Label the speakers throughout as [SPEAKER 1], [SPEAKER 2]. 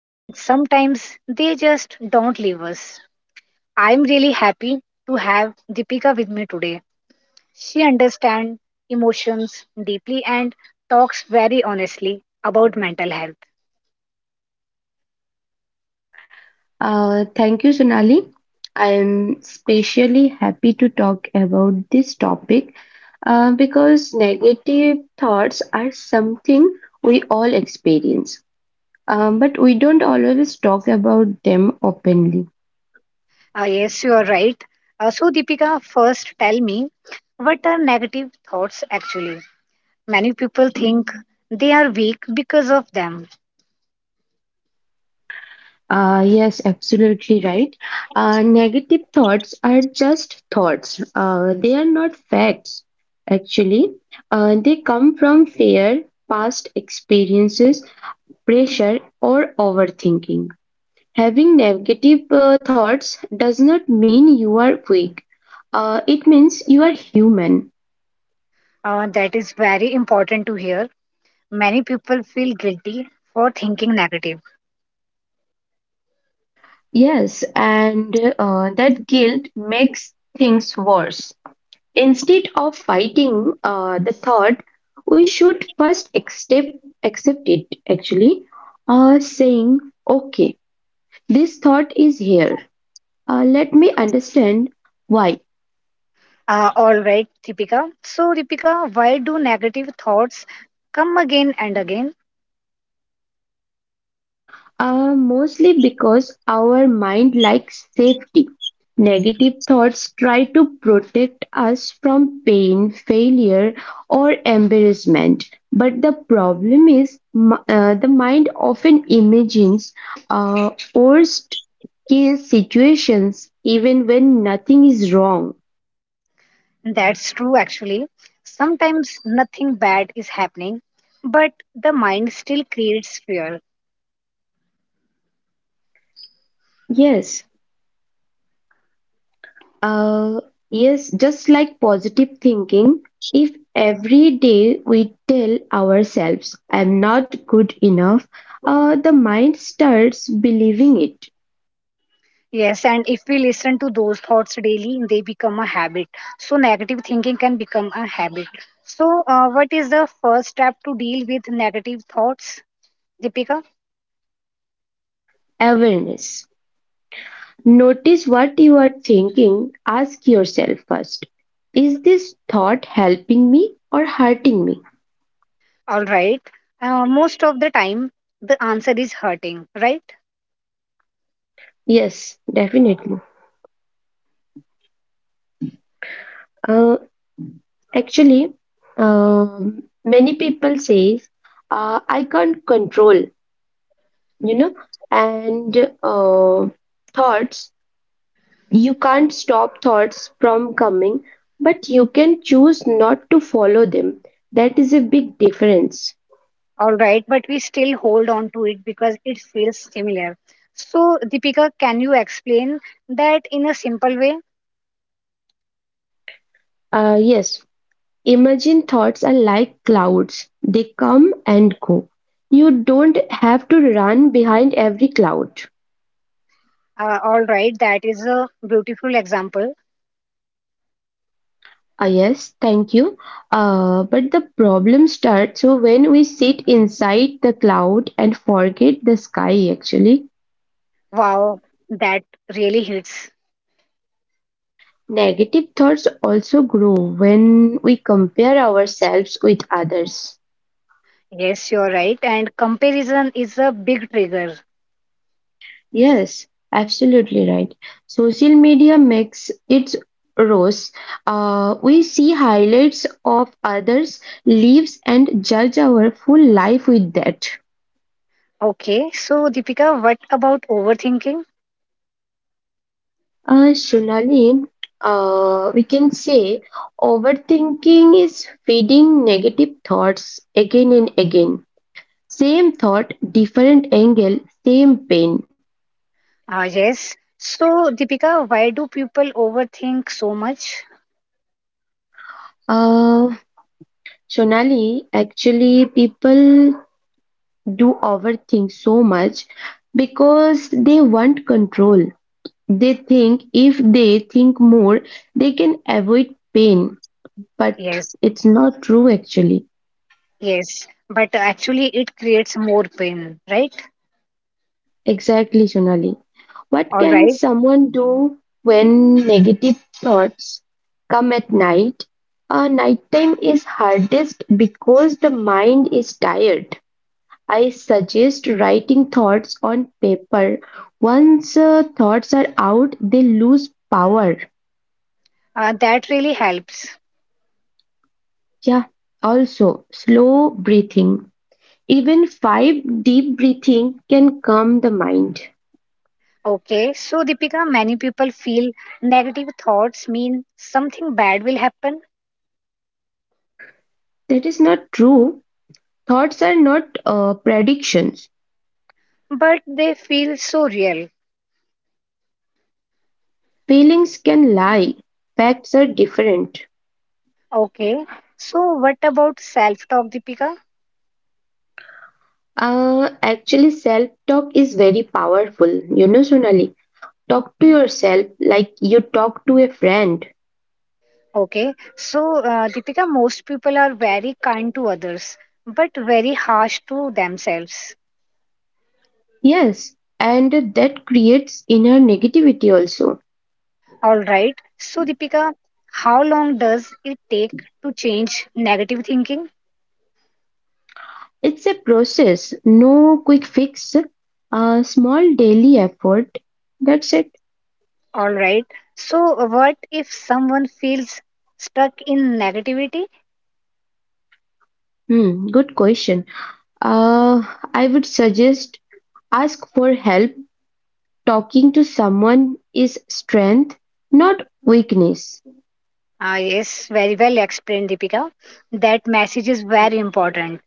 [SPEAKER 1] and sometimes they just don't leave us. I'm really happy to have Deepika with me today. She understands emotions deeply and talks very honestly about mental health.
[SPEAKER 2] Thank you, Sonali. I am especially happy to talk about this topic because negative thoughts are something we all experience, but we don't always talk about them openly.
[SPEAKER 1] Yes, you are right. So, Deepika, first tell me, what are negative thoughts actually? Many people think they are weak because of them.
[SPEAKER 2] Yes, absolutely right. Negative thoughts are just thoughts, they are not facts, actually. They come from fear, past experiences, pressure, or overthinking. Having negative thoughts does not mean you are weak. It means you are human.
[SPEAKER 1] That is very important to hear. Many people feel guilty for thinking negative.
[SPEAKER 2] Yes, and that guilt makes things worse. Instead of fighting the thought, we should first accept it. Actually, saying, "Okay, this thought is here. Let me understand why."
[SPEAKER 1] All right, Deepika. So, Deepika, why do negative thoughts come again and again?
[SPEAKER 2] Mostly because our mind likes safety. Negative thoughts try to protect us from pain, failure, or embarrassment. But the problem is, the mind often imagines worst case situations even when nothing is wrong.
[SPEAKER 1] That's true, actually. Sometimes nothing bad is happening, but the mind still creates fear.
[SPEAKER 2] Yes. Uh, yes, just like positive thinking, if every day we tell ourselves, I'm not good enough, the mind starts believing it.
[SPEAKER 1] Yes, and if we listen to those thoughts daily, they become a habit. So, negative thinking can become a habit. So, what is the first step to deal with negative thoughts, Deepika?
[SPEAKER 2] Awareness. Notice what you are thinking. Ask yourself first, is this thought helping me or hurting me?
[SPEAKER 1] All right. Most of the time, the answer is hurting, right?
[SPEAKER 2] Yes, definitely. Uh, actually, many people say, I can't control you know and uh, thoughts, you can't stop thoughts from coming, but you can choose not to follow them. That is a big difference.
[SPEAKER 1] All right, but we still hold on to it because it feels similar. So, Deepika, can you explain that in a simple way?
[SPEAKER 2] Yes, imagine thoughts are like clouds, they come and go. You don't have to run behind every cloud.
[SPEAKER 1] All right, that is a beautiful example.
[SPEAKER 2] Ah yes, thank you. But the problem starts so when we sit inside the cloud and forget the sky, actually.
[SPEAKER 1] Wow, that really hits.
[SPEAKER 2] Negative thoughts also grow when we compare ourselves with others.
[SPEAKER 1] Yes, you're right. And comparison is a big trigger.
[SPEAKER 2] Yes, absolutely right. Social media makes its rose. We see highlights of others' lives and judge our full life with that.
[SPEAKER 1] Okay, so Deepika, what about overthinking?
[SPEAKER 2] Shunali, we can say overthinking is feeding negative thoughts again and again. Same thought, different angle, same pain.
[SPEAKER 1] Ah, yes. So, Deepika, why do people overthink so much?
[SPEAKER 2] Uh, Sonali, actually, people do overthink so much because they want control. They think if they think more, they can avoid pain. But
[SPEAKER 1] Yes,
[SPEAKER 2] it's not true, actually.
[SPEAKER 1] yes. But actually, it creates more pain, right?
[SPEAKER 2] Exactly, Sonali. What
[SPEAKER 1] All
[SPEAKER 2] can
[SPEAKER 1] right.
[SPEAKER 2] someone do when negative thoughts come at night? Nighttime is hardest because the mind is tired. I suggest writing thoughts on paper. Once thoughts are out, they lose power.
[SPEAKER 1] That really helps.
[SPEAKER 2] Yeah, also slow breathing. Even five deep breathing can calm the mind.
[SPEAKER 1] Okay, so Deepika, many people feel negative thoughts mean something bad will happen,
[SPEAKER 2] That is not true. Thoughts are not predictions.
[SPEAKER 1] but they feel so real.
[SPEAKER 2] Feelings can lie. Facts are different.
[SPEAKER 1] Okay, so what about self talk, Deepika?
[SPEAKER 2] Actually, self talk is very powerful. You know, Sonali, talk to yourself like you talk to a friend.
[SPEAKER 1] Okay, so Deepika, most people are very kind to others, but very harsh to themselves.
[SPEAKER 2] Yes, and that creates inner negativity also.
[SPEAKER 1] All right, so Deepika, how long does it take to change negative thinking?
[SPEAKER 2] It's a process, no quick fix, a small daily effort. That's it.
[SPEAKER 1] All right. So, what if someone feels stuck in negativity?
[SPEAKER 2] Hmm, good question. Uh, I would suggest ask for help. Talking to someone is strength, not weakness.
[SPEAKER 1] Ah, yes, very well explained, Deepika. That message is very important.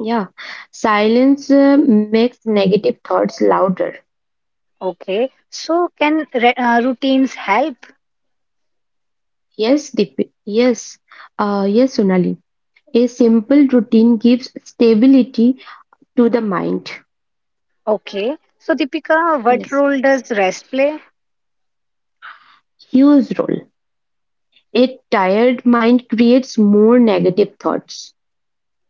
[SPEAKER 2] Yeah, silence makes negative thoughts louder.
[SPEAKER 1] Okay. So, can routines help?
[SPEAKER 2] Yes, Deep. Yes, yes, Sonali. A simple routine gives stability to the mind.
[SPEAKER 1] Okay. So, Deepika, what
[SPEAKER 2] Yes,
[SPEAKER 1] role does rest play?
[SPEAKER 2] huge role. A tired mind creates more negative thoughts.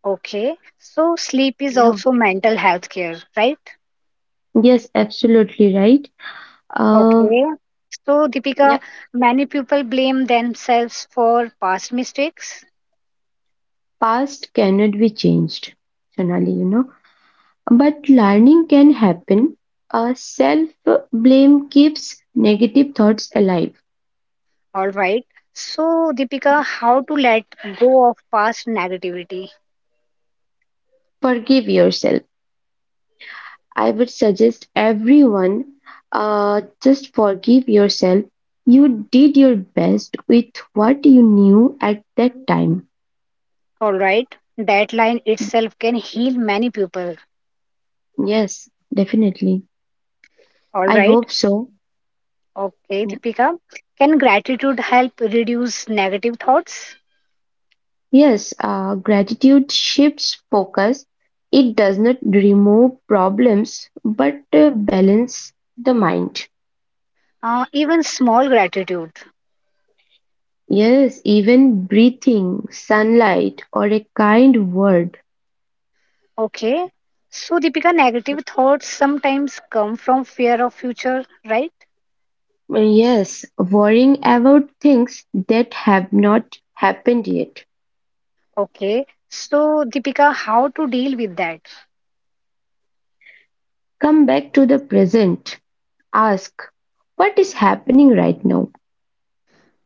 [SPEAKER 1] Okay. So, sleep is
[SPEAKER 2] Yeah.
[SPEAKER 1] also mental health care, right?
[SPEAKER 2] Yes, absolutely right. Uh,
[SPEAKER 1] Okay. So,
[SPEAKER 2] yeah,
[SPEAKER 1] Deepika, many people blame themselves for past mistakes.
[SPEAKER 2] past cannot be changed, Sonali, you know. But learning can happen. Self blame keeps negative thoughts alive.
[SPEAKER 1] All right. So, Deepika, how to let go of past negativity?
[SPEAKER 2] Forgive yourself. I would suggest everyone just forgive yourself. You did your best with what you knew at that time.
[SPEAKER 1] All right. That line itself can heal many people.
[SPEAKER 2] Yes, definitely.
[SPEAKER 1] All
[SPEAKER 2] I
[SPEAKER 1] right.
[SPEAKER 2] hope so.
[SPEAKER 1] Okay,
[SPEAKER 2] Yeah.
[SPEAKER 1] Deepika. Can gratitude help reduce negative thoughts?
[SPEAKER 2] Yes, gratitude shifts focus. It does not remove problems, but balance the mind.
[SPEAKER 1] Even small gratitude.
[SPEAKER 2] Yes, even breathing, sunlight, or a kind word.
[SPEAKER 1] Okay. So, Deepika, negative thoughts sometimes come from fear of future, right?
[SPEAKER 2] Yes, worrying about things that have not happened yet.
[SPEAKER 1] Okay. So, Deepika, how to deal with that?
[SPEAKER 2] Come back to the present. Ask, what is happening right now?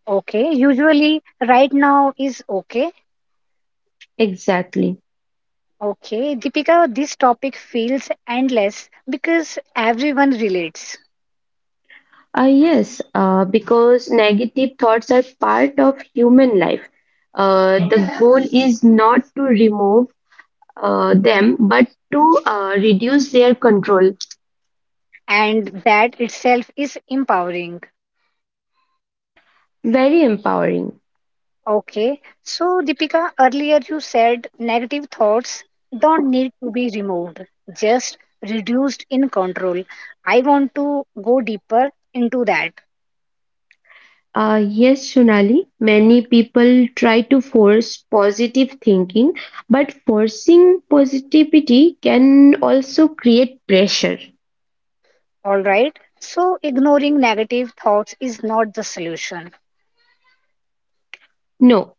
[SPEAKER 1] Okay. Usually, right now is okay.
[SPEAKER 2] Exactly.
[SPEAKER 1] Okay, Deepika, this topic feels endless because everyone relates,
[SPEAKER 2] Ah, yes, because negative thoughts are part of human life. The goal is not to remove them, but to reduce their control.
[SPEAKER 1] and that itself is empowering.
[SPEAKER 2] Very empowering.
[SPEAKER 1] Okay, so Deepika, earlier you said negative thoughts don't need to be removed, just reduced in control. I want to go deeper into that.
[SPEAKER 2] Yes, Sonali, many people try to force positive thinking, but forcing positivity can also create pressure.
[SPEAKER 1] All right, so ignoring negative thoughts is not the solution.
[SPEAKER 2] No,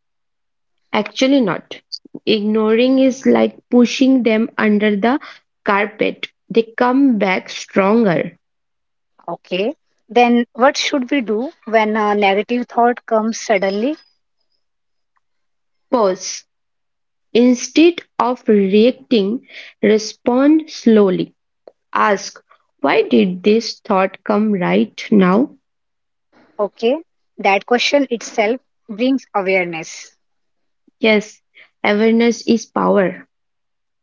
[SPEAKER 2] actually not. Ignoring is like pushing them under the carpet. They come back stronger.
[SPEAKER 1] Okay, then what should we do when a negative thought comes suddenly?
[SPEAKER 2] Pause. Instead of reacting, respond slowly. Ask, why did this thought come right now?
[SPEAKER 1] Okay, that question itself brings awareness.
[SPEAKER 2] Yes, awareness is power.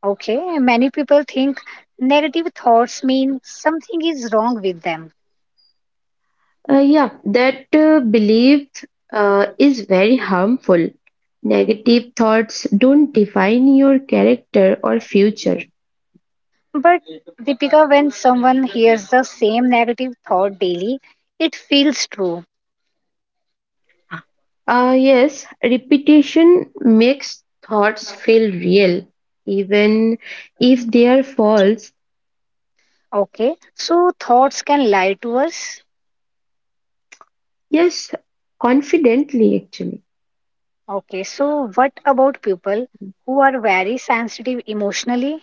[SPEAKER 1] Okay, many people think negative thoughts mean something is wrong with them.
[SPEAKER 2] Yeah, that belief is very harmful. Negative thoughts don't define your character or future.
[SPEAKER 1] But Deepika, when someone hears the same negative thought daily, it feels true.
[SPEAKER 2] Yes, repetition makes thoughts feel real, even if they are false.
[SPEAKER 1] Okay, so thoughts can lie to us.
[SPEAKER 2] Yes, confidently, actually.
[SPEAKER 1] Okay, so what about people who are very sensitive emotionally?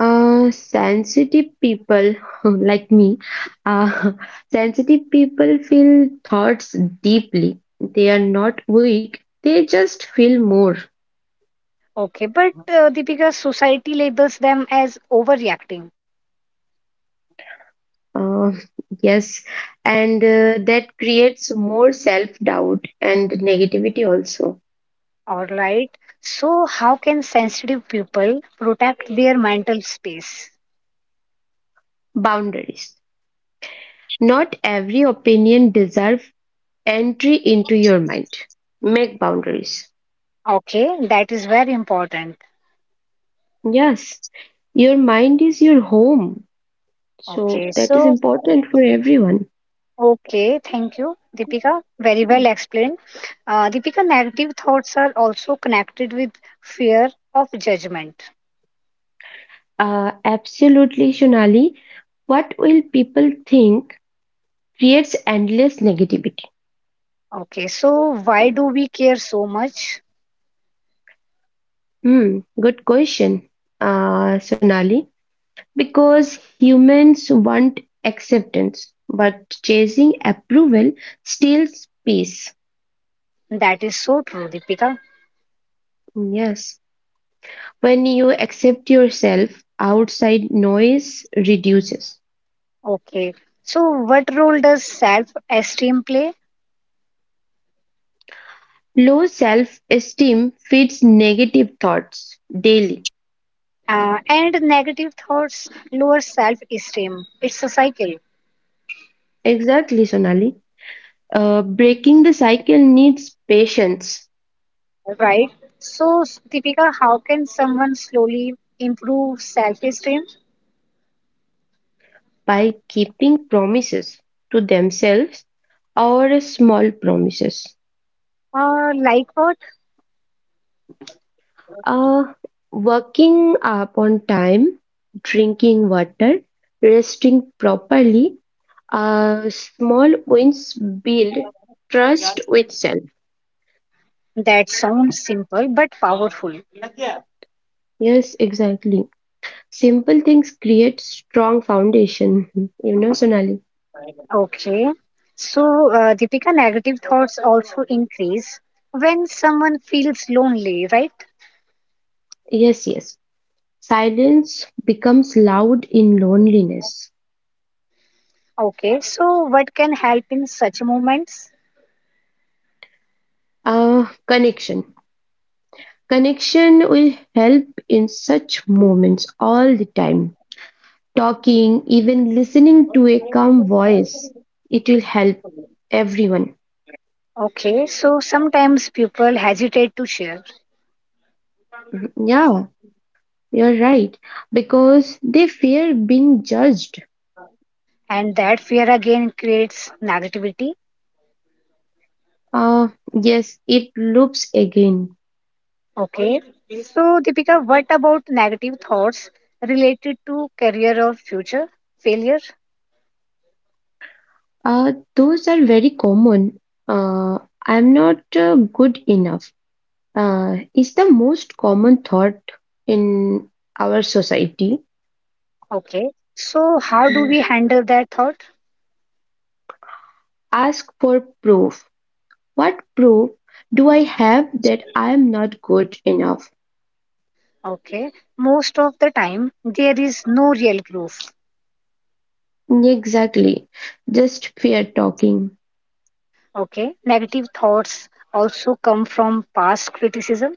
[SPEAKER 2] Sensitive people like me, uh, sensitive people feel thoughts deeply. They are not weak, they just feel more.
[SPEAKER 1] Okay, but Deepika, society labels them as overreacting.
[SPEAKER 2] Uh, yes, and that creates more self-doubt and negativity also.
[SPEAKER 1] All right. So, how can sensitive people protect their mental space?
[SPEAKER 2] Boundaries. Not every opinion deserve entry into your mind. Make boundaries.
[SPEAKER 1] Okay, that is very important.
[SPEAKER 2] Yes, your mind is your home. So
[SPEAKER 1] Okay,
[SPEAKER 2] that is
[SPEAKER 1] so,
[SPEAKER 2] important for everyone.
[SPEAKER 1] okay, thank you, Deepika. Very well explained. Deepika, negative thoughts are also connected with fear of judgment.
[SPEAKER 2] Absolutely, Sonali. What will people think creates endless negativity?
[SPEAKER 1] Okay, so why do we care so much?
[SPEAKER 2] Hmm, good question, Sonali. Because humans want acceptance, but chasing approval steals peace.
[SPEAKER 1] That is so true, Deepika.
[SPEAKER 2] Hmm, yes. When you accept yourself, outside noise reduces.
[SPEAKER 1] Okay, so what role does self esteem play?
[SPEAKER 2] Low self esteem feeds negative thoughts daily.
[SPEAKER 1] And negative thoughts lower self esteem. It's a cycle,
[SPEAKER 2] Exactly, Sonali. Breaking the cycle needs patience
[SPEAKER 1] right? So, Deepika, how can someone slowly improve self esteem?
[SPEAKER 2] by keeping promises to themselves, or small promises.
[SPEAKER 1] Like what?
[SPEAKER 2] Uh, Working up on time, drinking water, resting properly. Small wins build trust with self.
[SPEAKER 1] That sounds simple but powerful.
[SPEAKER 2] Yes, exactly. Simple things create strong foundation. You know, Sonali.
[SPEAKER 1] Okay. So, Deepika, negative thoughts also increase when someone feels lonely, right?
[SPEAKER 2] Yes, yes. Silence becomes loud in loneliness.
[SPEAKER 1] Okay. So, what can help in such moments?
[SPEAKER 2] Connection. Connection will help in such moments all the time. Talking, even listening to a calm voice, it will help everyone.
[SPEAKER 1] Okay. So, sometimes people hesitate to share,
[SPEAKER 2] Mhm. Yeah, you're right. Because they fear being judged.
[SPEAKER 1] and that fear again creates negativity.
[SPEAKER 2] Uh, yes, it loops again.
[SPEAKER 1] Okay, so Deepika, what about negative thoughts related to career or future failure?
[SPEAKER 2] Those are very common. Uh, I'm not good enough. Is the most common thought in our society.
[SPEAKER 1] Okay, so how do
[SPEAKER 2] Mm.
[SPEAKER 1] we handle that thought?
[SPEAKER 2] Ask for proof. What proof do I have that I am not good enough?
[SPEAKER 1] Okay, most of the time there is no real proof.
[SPEAKER 2] Exactly. Just fair talking.
[SPEAKER 1] Okay, negative thoughts also come from past criticism.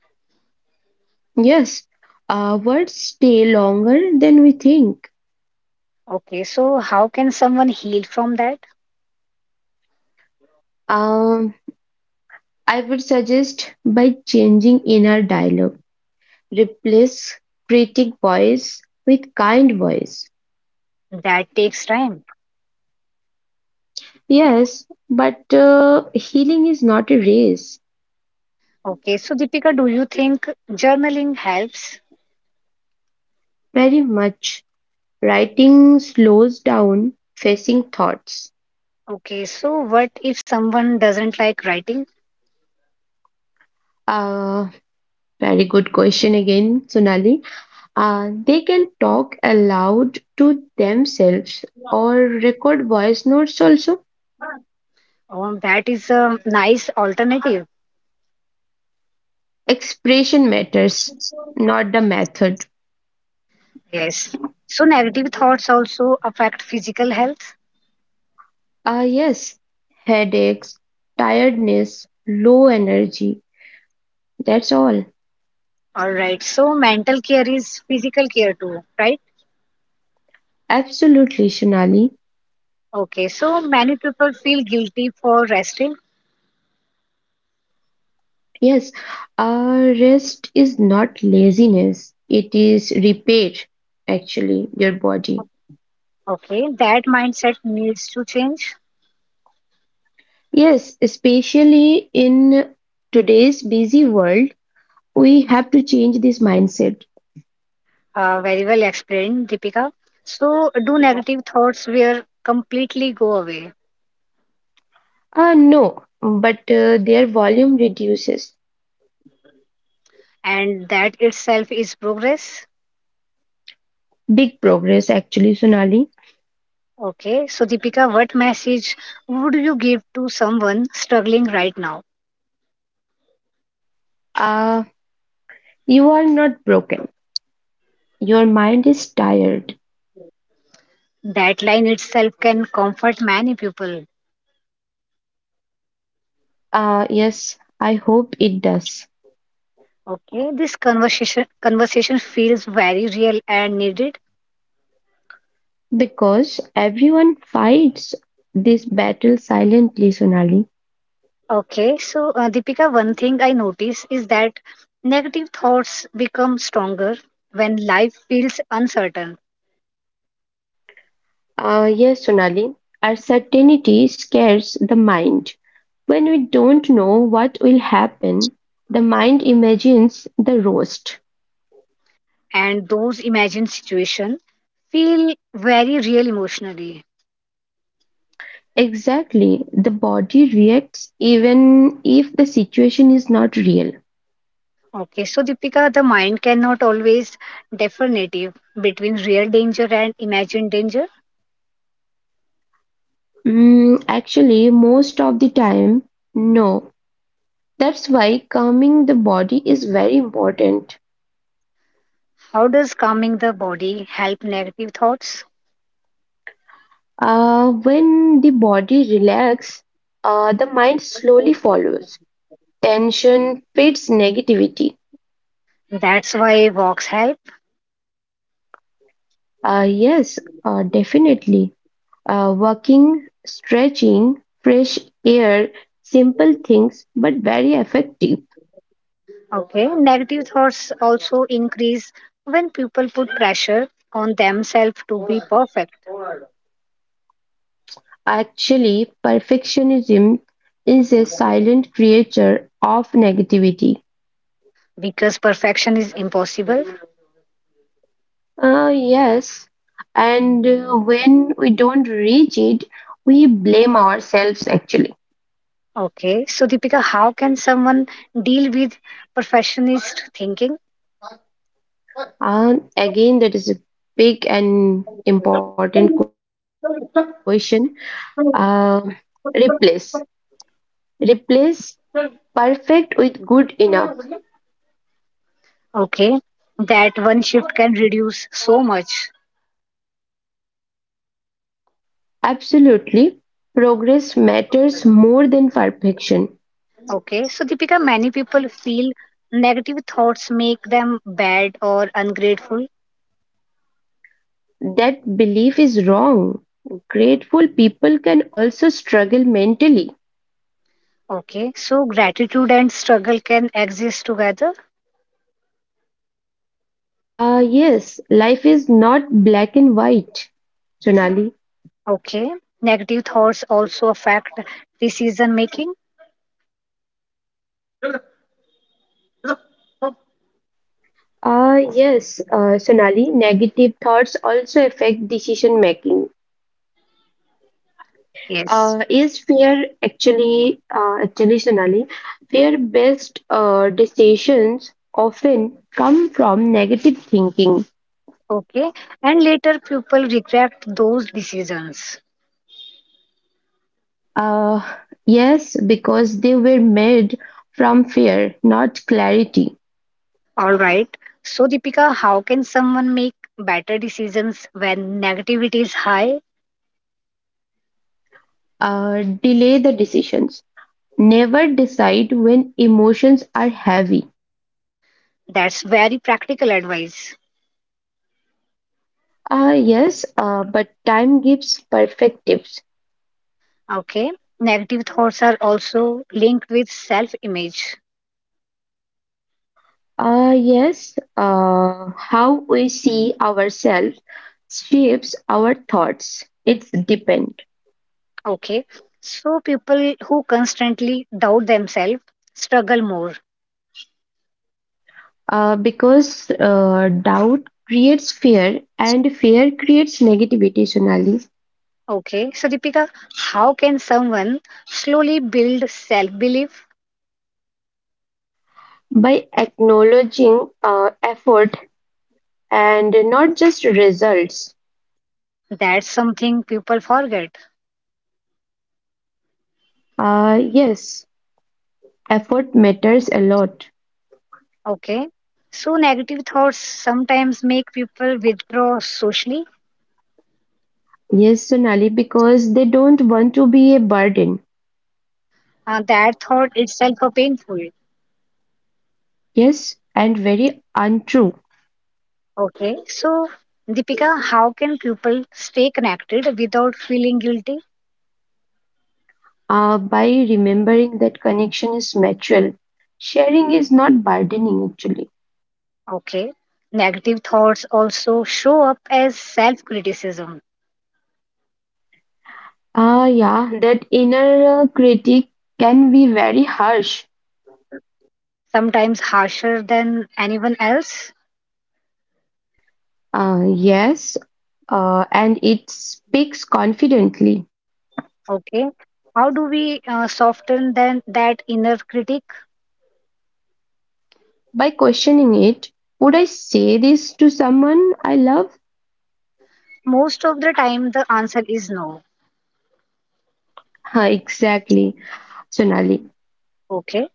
[SPEAKER 2] Yes, words stay longer than we think.
[SPEAKER 1] Okay, so how can someone heal from that?
[SPEAKER 2] Um, I would suggest by changing inner dialogue. Replace critic voice with kind voice.
[SPEAKER 1] That takes time.
[SPEAKER 2] Yes, but healing is not a race.
[SPEAKER 1] Okay, so Deepika, do you think journaling helps?
[SPEAKER 2] Very much. Writing slows down facing thoughts.
[SPEAKER 1] Okay, so what if someone doesn't like writing?
[SPEAKER 2] Uh, Very good question again, Sonali. They can talk aloud to themselves or record voice notes also.
[SPEAKER 1] Oh, that is a nice alternative.
[SPEAKER 2] Expression matters, not the method.
[SPEAKER 1] Yes. So negative thoughts also affect physical health.
[SPEAKER 2] Ah, yes, headaches, tiredness, low energy. That's all.
[SPEAKER 1] All right. So mental care is physical care too, right?
[SPEAKER 2] Absolutely, Sonali.
[SPEAKER 1] Okay. So many people feel guilty for resting.
[SPEAKER 2] Yes, rest is not laziness, it is repair, actually, your body.
[SPEAKER 1] Okay. That mindset needs to change.
[SPEAKER 2] Yes, especially in today's busy world, we have to change this mindset.
[SPEAKER 1] Very well explained, Deepika. So do
[SPEAKER 2] Yeah.
[SPEAKER 1] negative thoughts will completely go away,
[SPEAKER 2] No, but their volume reduces.
[SPEAKER 1] and that itself is progress.
[SPEAKER 2] Big progress, actually, Sonali.
[SPEAKER 1] Okay, so Deepika, what message would you give to someone struggling right now?
[SPEAKER 2] Uh, you are not broken. Your mind is tired.
[SPEAKER 1] That line itself can comfort many people.
[SPEAKER 2] Yes, I hope it does.
[SPEAKER 1] Okay, this conversation feels very real and needed.
[SPEAKER 2] Because everyone fights this battle silently, Sonali.
[SPEAKER 1] Okay, so Deepika, one thing I notice is that negative thoughts become stronger when life feels uncertain,
[SPEAKER 2] Yes, Sonali, uncertainty scares the mind. When we don't know what will happen, the mind imagines the worst.
[SPEAKER 1] and those imagined situations feel very real emotionally.
[SPEAKER 2] Exactly, the body reacts even if the situation is not real.
[SPEAKER 1] Okay, so Deepika, the mind cannot always definitive between real danger and imagined danger.
[SPEAKER 2] Mm, actually, most of the time, no. That's why calming the body is very important.
[SPEAKER 1] How does calming the body help negative thoughts?
[SPEAKER 2] When the body relaxes, the mind slowly follows. Tension feeds negativity.
[SPEAKER 1] That's why walks help.
[SPEAKER 2] Yes, definitely. Walking, stretching, fresh air, simple things, but very effective.
[SPEAKER 1] Okay, negative thoughts also increase when people put pressure on themselves to be perfect,
[SPEAKER 2] Actually, perfectionism is a silent creature of negativity.
[SPEAKER 1] because perfection is impossible.
[SPEAKER 2] Yes, and when we don't reach it, we blame ourselves actually.
[SPEAKER 1] Okay, so Deepika, how can someone deal with perfectionist thinking?
[SPEAKER 2] Again, that is a big and important question. Uh, Replace. Replace perfect with good enough.
[SPEAKER 1] Okay, that one shift can reduce so much.
[SPEAKER 2] Absolutely. Progress matters more than perfection.
[SPEAKER 1] Okay, so Deepika, many people feel negative thoughts make them bad or ungrateful.
[SPEAKER 2] That belief is wrong. Grateful people can also struggle mentally.
[SPEAKER 1] Okay, so gratitude and struggle can exist together.
[SPEAKER 2] Ah, yes, life is not black and white, Sonali.
[SPEAKER 1] Okay, negative thoughts also affect decision making.
[SPEAKER 2] Ah, yes, Sonali, negative thoughts also affect decision making.
[SPEAKER 1] Yes.
[SPEAKER 2] Is fear actually, actually, Sonali, fear-based decisions often come from negative thinking.
[SPEAKER 1] Okay, and later people regret those decisions.
[SPEAKER 2] Uh, yes, because they were made from fear, not clarity.
[SPEAKER 1] All right. So, Deepika, how can someone make better decisions when negativity is high?
[SPEAKER 2] Delay the decisions. Never decide when emotions are heavy.
[SPEAKER 1] That's very practical advice.
[SPEAKER 2] Yes, but time gives perspectives.
[SPEAKER 1] Okay. Negative thoughts are also linked with self image.
[SPEAKER 2] Yes, how we see ourselves shapes our thoughts. It's depend.
[SPEAKER 1] Okay. So people who constantly doubt themselves struggle more.
[SPEAKER 2] Because doubt creates fear and fear creates negativity, Sonali.
[SPEAKER 1] Okay. So Deepika, how can someone slowly build self belief?
[SPEAKER 2] By acknowledging effort and not just results.
[SPEAKER 1] That's something people forget.
[SPEAKER 2] Yes, effort matters a lot.
[SPEAKER 1] Okay. So negative thoughts sometimes make people withdraw socially.
[SPEAKER 2] Yes, Sonali, because they don't want to be a burden.
[SPEAKER 1] That thought itself are painful.
[SPEAKER 2] Yes, and very untrue.
[SPEAKER 1] Okay. So Deepika, how can people stay connected without feeling guilty?
[SPEAKER 2] By remembering that connection is mutual. Sharing is not burdening actually.
[SPEAKER 1] Okay. Negative thoughts also show up as self criticism,
[SPEAKER 2] Ah, yeah, that inner critic can be very harsh.
[SPEAKER 1] sometimes harsher than anyone else.
[SPEAKER 2] Yes, and it speaks confidently.
[SPEAKER 1] Okay. How do we soften then that inner critic?
[SPEAKER 2] By questioning it, would I say this to someone I love?
[SPEAKER 1] Most of the time, the answer is no.
[SPEAKER 2] Huh, exactly, Sonali.
[SPEAKER 1] Okay.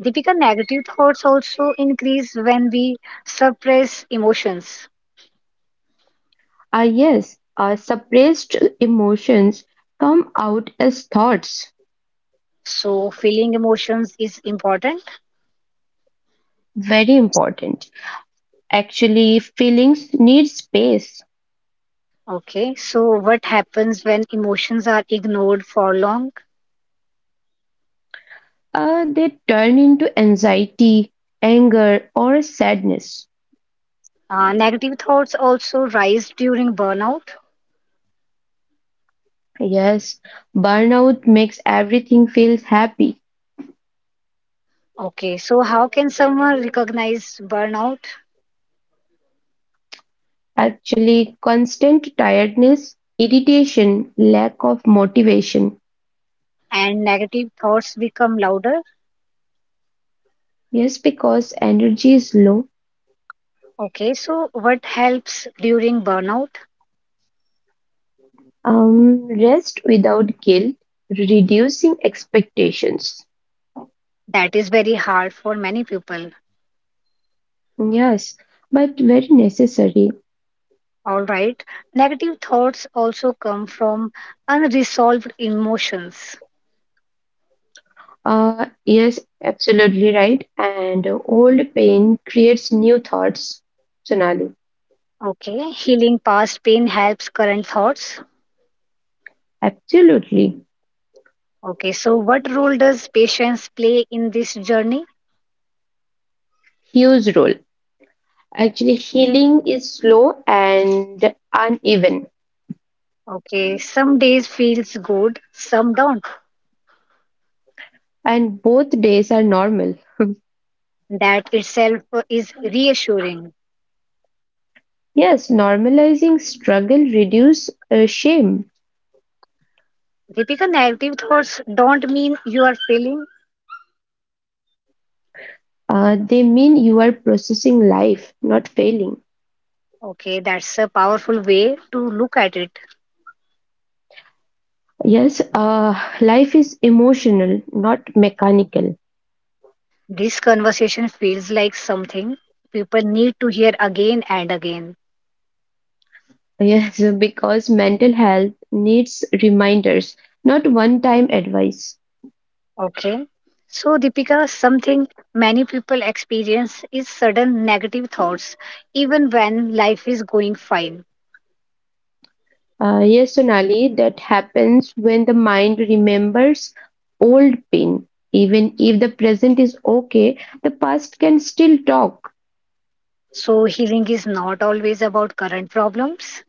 [SPEAKER 1] Deepika, negative thoughts also increase when we suppress emotions.
[SPEAKER 2] Ah, yes, suppressed emotions come out as thoughts.
[SPEAKER 1] So, feeling emotions is important.
[SPEAKER 2] Very important. Actually, feelings need space.
[SPEAKER 1] Okay. So, what happens when emotions are ignored for long?
[SPEAKER 2] They turn into anxiety, anger, or sadness.
[SPEAKER 1] Negative thoughts also rise during burnout.
[SPEAKER 2] Yes, burnout makes everything feel happy.
[SPEAKER 1] Okay, so how can someone recognize burnout
[SPEAKER 2] Actually, constant tiredness, irritation, lack of motivation.
[SPEAKER 1] and negative thoughts become louder?
[SPEAKER 2] Yes, because energy is low.
[SPEAKER 1] Okay, so what helps during burnout?
[SPEAKER 2] Rest without guilt, reducing expectations.
[SPEAKER 1] That is very hard for many people.
[SPEAKER 2] Yes, but very necessary.
[SPEAKER 1] All right, negative thoughts also come from unresolved emotions.
[SPEAKER 2] Yes, absolutely right. And old pain creates new thoughts, Sonali.
[SPEAKER 1] Okay, healing past pain helps current thoughts.
[SPEAKER 2] Absolutely.
[SPEAKER 1] Okay, so what role does patience play in this journey?
[SPEAKER 2] Huge role. Actually, healing is slow and uneven,
[SPEAKER 1] Okay, some days feels good, some don't.
[SPEAKER 2] and both days are normal.
[SPEAKER 1] That itself is reassuring.
[SPEAKER 2] Yes, normalizing struggle reduce shame.
[SPEAKER 1] Deepika, negative thoughts don't mean you are failing.
[SPEAKER 2] They mean you are processing life, not failing.
[SPEAKER 1] Okay, that's a powerful way to look at it.
[SPEAKER 2] Yes, life is emotional, not mechanical.
[SPEAKER 1] This conversation feels like something people need to hear again and again.
[SPEAKER 2] Yes, because mental health needs reminders, not one-time advice.
[SPEAKER 1] Okay, so Deepika, something many people experience is sudden negative thoughts, even when life is going fine.
[SPEAKER 2] Yes, Sonali, that happens when the mind remembers old pain. Even if the present is okay, the past can still talk.
[SPEAKER 1] So, healing is not always about current problems.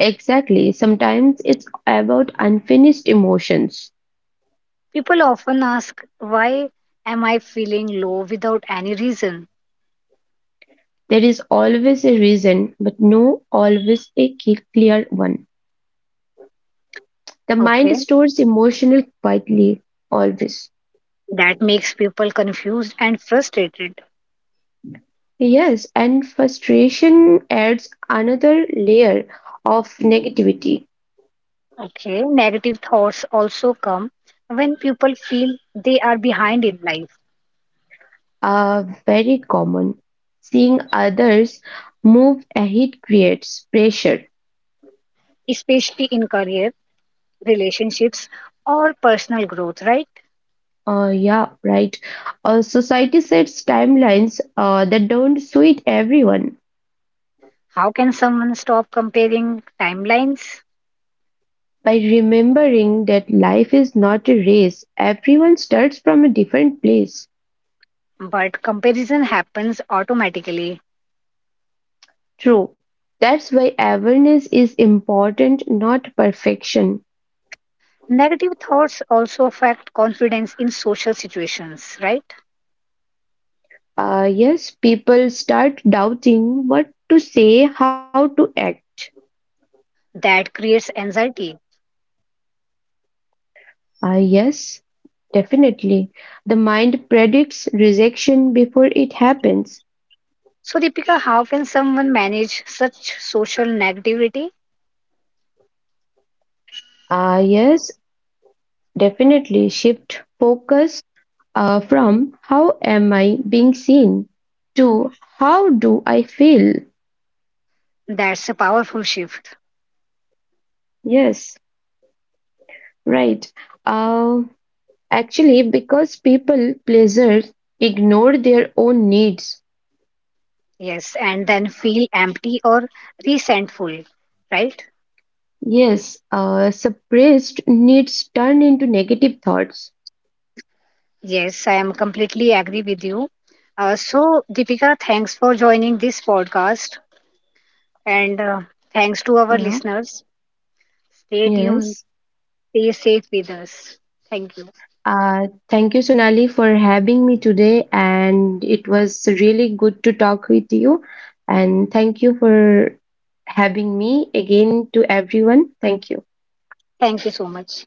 [SPEAKER 2] Exactly. Sometimes it's about unfinished emotions.
[SPEAKER 1] People often ask, why am I feeling low without any reason?
[SPEAKER 2] There is always a reason, but no always a clear one. The
[SPEAKER 1] Okay,
[SPEAKER 2] mind stores emotional quietly, always.
[SPEAKER 1] that makes people confused and frustrated.
[SPEAKER 2] Yes, and frustration adds another layer of negativity.
[SPEAKER 1] Okay, negative thoughts also come when people feel they are behind in life,
[SPEAKER 2] Very common. Seeing others move ahead creates pressure.
[SPEAKER 1] especially in career, relationships, or personal growth, right?
[SPEAKER 2] Yeah, right. Society sets timelines that don't suit everyone.
[SPEAKER 1] How can someone stop comparing timelines?
[SPEAKER 2] By remembering that life is not a race, everyone starts from a different place.
[SPEAKER 1] But comparison happens automatically.
[SPEAKER 2] True. That's why awareness is important, not perfection.
[SPEAKER 1] Negative thoughts also affect confidence in social situations, right?
[SPEAKER 2] Yes, people start doubting what to say, how to act.
[SPEAKER 1] That creates anxiety.
[SPEAKER 2] Yes, definitely. The mind predicts rejection before it happens.
[SPEAKER 1] So, Deepika, how can someone manage such social negativity?
[SPEAKER 2] Ah yes, definitely. Shift focus from how am I being seen to how do I feel.
[SPEAKER 1] That's a powerful shift.
[SPEAKER 2] Yes, right. Uh, Actually, because people pleasers ignore their own needs.
[SPEAKER 1] Yes, and then feel empty or resentful, right?
[SPEAKER 2] Yes, suppressed needs turn into negative thoughts.
[SPEAKER 1] Yes, I am completely agree with you. So, Deepika, thanks for joining this podcast, and thanks to our
[SPEAKER 2] Yeah.
[SPEAKER 1] listeners. Stay tuned,
[SPEAKER 2] Yes.
[SPEAKER 1] stay safe with us. Thank you.
[SPEAKER 2] Thank you, Sonali, for having me today. And it was really good to talk with you. And thank you for having me again to everyone. Thank you.
[SPEAKER 1] Thank you so much.